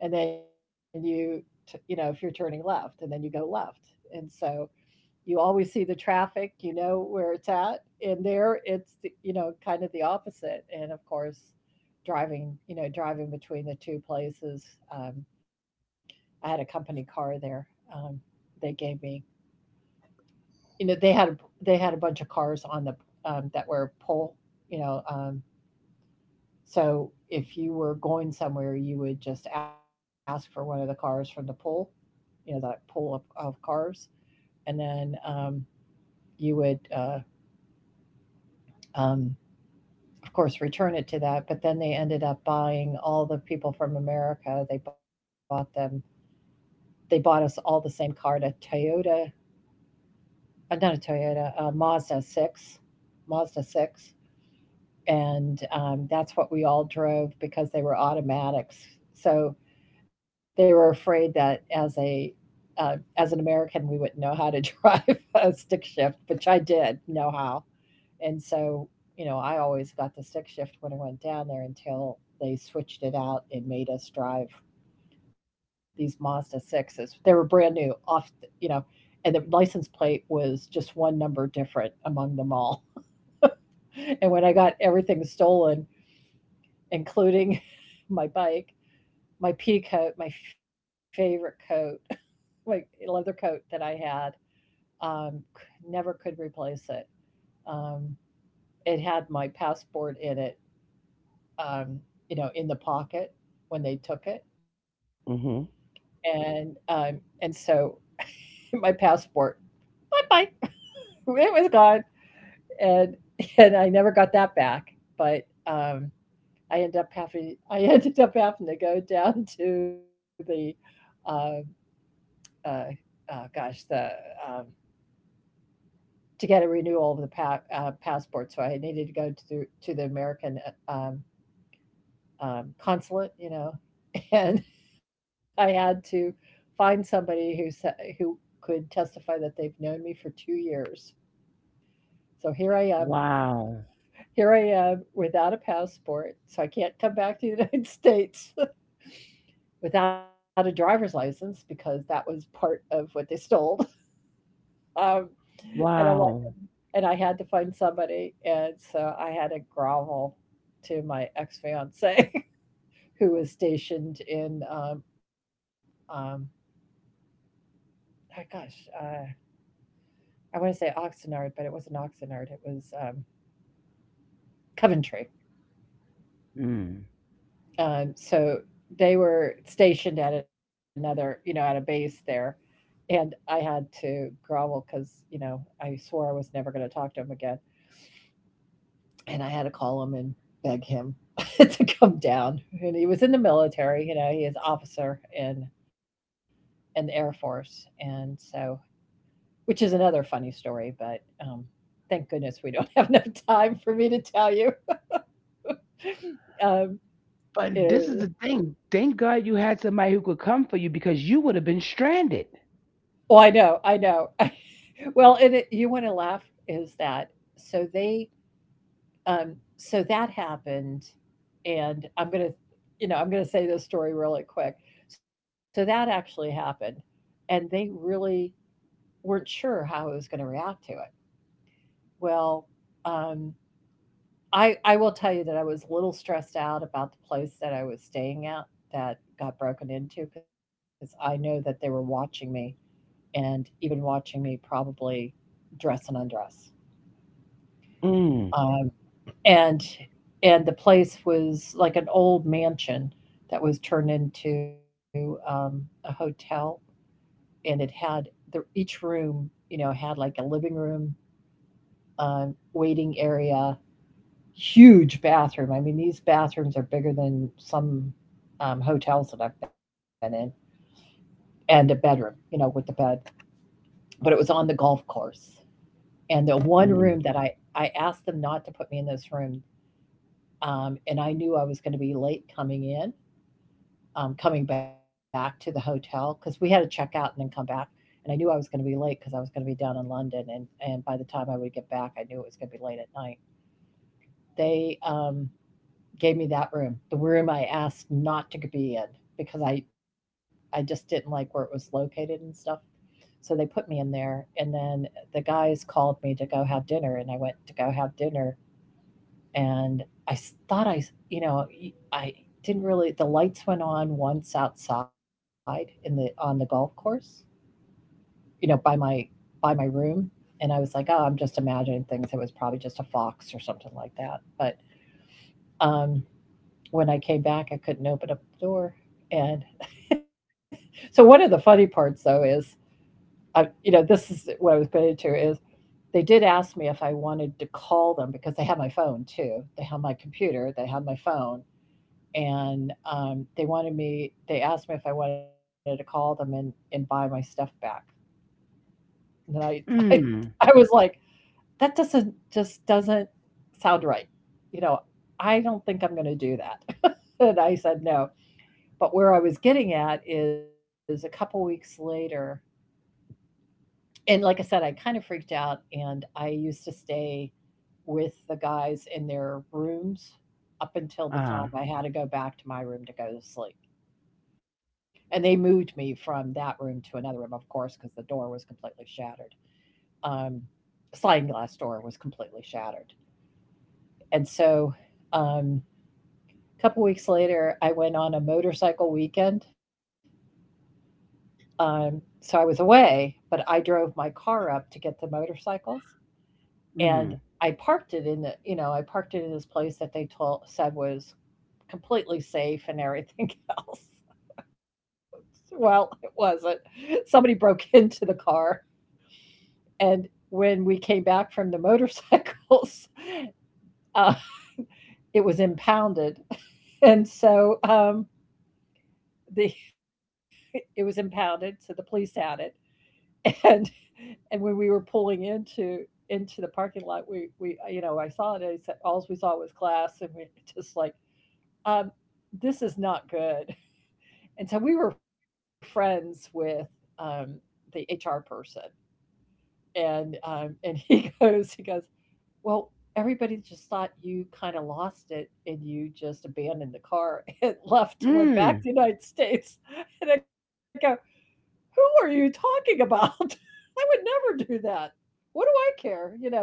S1: and then you, t- you know, if you're turning left, and then you go left. And so you always see the traffic, you know where it's at. And there it's, the, you know, kind of the opposite. And of course, driving, you know, driving between the two places. Um, I had a company car there. Um, they gave me, you know, they had, they had a bunch of cars on the, that were pull, you know, um, so if you were going somewhere, you would just ask for one of the cars from the pool, you know, the pool of cars, and then you would, um, of course, return it to that. But then they ended up buying all the people from America. They bought them. They bought us all the same car, a Toyota. Not a Toyota, a Mazda six, Mazda six, and that's what we all drove because they were automatics. So they were afraid that as a as an American, we wouldn't know how to (laughs) drive a stick shift, which I did know how. And so, you know, I always got the stick shift when I went down there until they switched it out and made us drive these Mazda sixes. They were brand new, off, the- you know, and the license plate was just one number different among them all. (laughs) And when I got everything stolen, including (laughs) my bike, my pea coat, my favorite coat, (laughs) my leather coat that I had. Um, never could replace it. Um, it had my passport in it, um, you know, in the pocket when they took it,
S2: Hmm.
S1: and um, and so (laughs) my passport, bye bye, (laughs) it was gone, and (laughs) and I never got that back. But I (laughs) ended up having to go down to the uh, uh, gosh, the um, to get a renewal of the passport. So I needed to go to to the American uh, um, consulate, you know, (laughs) and I had to find somebody who could testify that they've known me for 2 years. So here I am.
S2: Wow.
S1: Here I am without a passport, so I can't come back to the (laughs) United States without a driver's license because that was part of what they stole. Um, and I'm like,
S2: Wow.
S1: and I had to find somebody, and so I had to grovel to my ex-fiancé (laughs) who was stationed in, um, oh gosh, uh, I wanna say Oxnard, but it wasn't Oxnard, it was, Coventry. So they were stationed at another, you know, at a base there, and I had to grovel because, you know, I swore I was never gonna talk to him again. And I had to call him and beg him (laughs) to come down. And he was in the military, you know, he is officer in the Air Force, and so which is another funny story. But thank goodness we don't (laughs) have enough time for me to tell you. (laughs) Um,
S2: But this is the
S1: is,
S2: thing. Thank God you had somebody who could come for you because you would have been stranded.
S1: oh, I know, I know. (laughs) Well, and it, you want to laugh is that so they so that happened, and you know, I'm gonna say this story really quick. So that actually happened, and they really weren't sure how I was going to react to it. Well, um, I will tell you that I was a little stressed out about the place that I was staying at that got broken into because I know that they were watching me and even watching me probably dress and undress.
S2: Mm,
S1: Um, And and the place was like an old mansion that was turned into, a hotel, and it had the each room, you know, had like a living room, waiting area, huge bathroom. I mean, these bathrooms are bigger than some, hotels that I've been in, and a bedroom, you know, with the bed, but it was on the golf course. And the one
S2: mm,
S1: room that I asked them not to put me in this room, and I knew I was going to be late coming in, coming back to the hotel because we had to check out and then come back. And I knew I was going to be late because I was going to be down in London. And by the time I would get back, I knew it was going to be late at night. They gave me that room, the room I asked not to be in because I just didn't like where it was located and stuff. So they put me in there. And then the guys called me to go have dinner. And I went to go have dinner and I s- thought I, s- you know, y- I didn't really. The lights went on once outside in the on the golf course, you know, by my room, and I was like, oh, I'm just imagining things. It was probably just a fox or something like that. But um, when I came back, I couldn't open up the door, and (laughs) so one of the funny parts though is, I, you know, this is what I was getting to is. They did ask me if I wanted to call them because they had my phone too. They had my computer, they had my phone, and they wanted me, they asked me if I wanted to call them and buy my stuff back. And (laughs) I
S2: mm,
S1: I was like, that doesn't just doesn't sound right, you know. I don't think I'm going to do that. (laughs) And I said no, but where I was getting at is a couple weeks later. And like I said, I kind of freaked out and I used to stay with the guys in their rooms up until the
S2: uh,
S1: time I had to go back to my room to go to sleep. And they moved me from that room to another room of course because the door was completely shattered. um, sliding glass door was completely shattered. And so um, a couple weeks later I went on a motorcycle weekend. So I was away, but I drove my car up to get the motorcycles and
S2: mm,
S1: I parked it in the, you know, I parked it in this place that they told said was completely safe and everything (laughs) else. Well, it wasn't. Somebody broke (laughs) into the car. And when we came back from the (laughs) motorcycles, uh, it was impounded. (laughs) And so the (laughs) it was impounded, so the police had it. (laughs) And and when we were pulling into the parking lot, we you know I saw it. And all we saw was glass, and we (laughs) just like, um, this is not good. And so we were friends with um, the HR person, and (laughs) he goes, he goes, well, everybody just thought you kinda lost it and you just abandoned the car (laughs) and left and went back to
S2: mm.
S1: the United States. And I go, "Who are you talking about? (laughs) I would never do that. What do I care?" You know,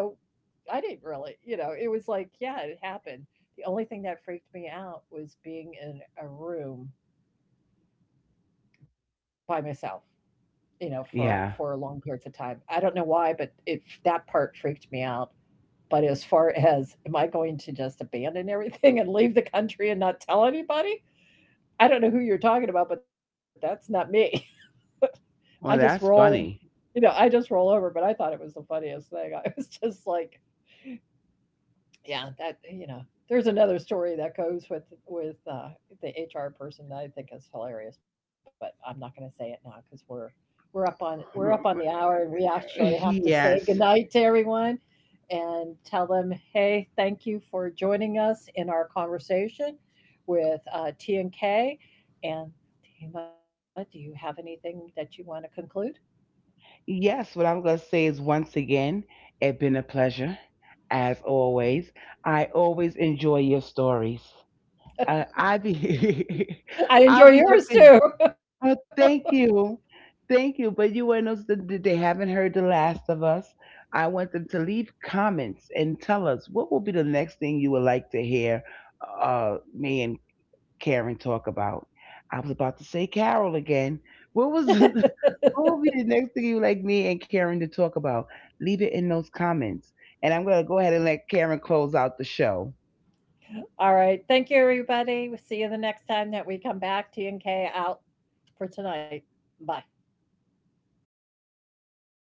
S1: I didn't really, you know, it was like, yeah, it happened. The only thing that freaked me out was being in a room by myself, you know, for
S2: Yeah.
S1: long periods of time. I don't know why, but it that part freaked me out. But as far as, am I going to just abandon everything and leave the country and not tell anybody? I don't know who you're talking about, but that's not me. (laughs) I just
S2: Well, that's
S1: roll,
S2: funny.
S1: you know, I just roll over. But I thought it was the funniest thing. (laughs) I was just like, yeah, that, you know, there's another story that goes with the HR person that I think is hilarious, but I'm not going to say it now because we're up on the hour and we
S2: (laughs)
S1: actually have to say
S2: Yes.
S1: goodnight to everyone. And tell them, hey, thank you for joining us in our conversation with T and K. And Tima, do you have anything that you want to conclude?
S2: Yes, what I'm going to say is once again, it's been a pleasure, as always. I always enjoy your stories. I be (laughs)
S1: (laughs) I
S2: I
S1: enjoy
S2: be
S1: yours
S2: looking.
S1: too.
S2: Oh, thank you, thank you. But you want us that that they haven't heard the last of us. I want them to leave comments and tell us what will be the next thing you would like to hear me and Karen talk about. I was about to say Carol again. What was the, (laughs) what will be the next thing you would like me and Karen to talk about? Leave it in those comments, and I'm gonna go ahead and let Karen close out the show.
S1: (laughs) All right. Thank you, everybody. We'll see you the next time that we come back. T and K out for tonight. Bye.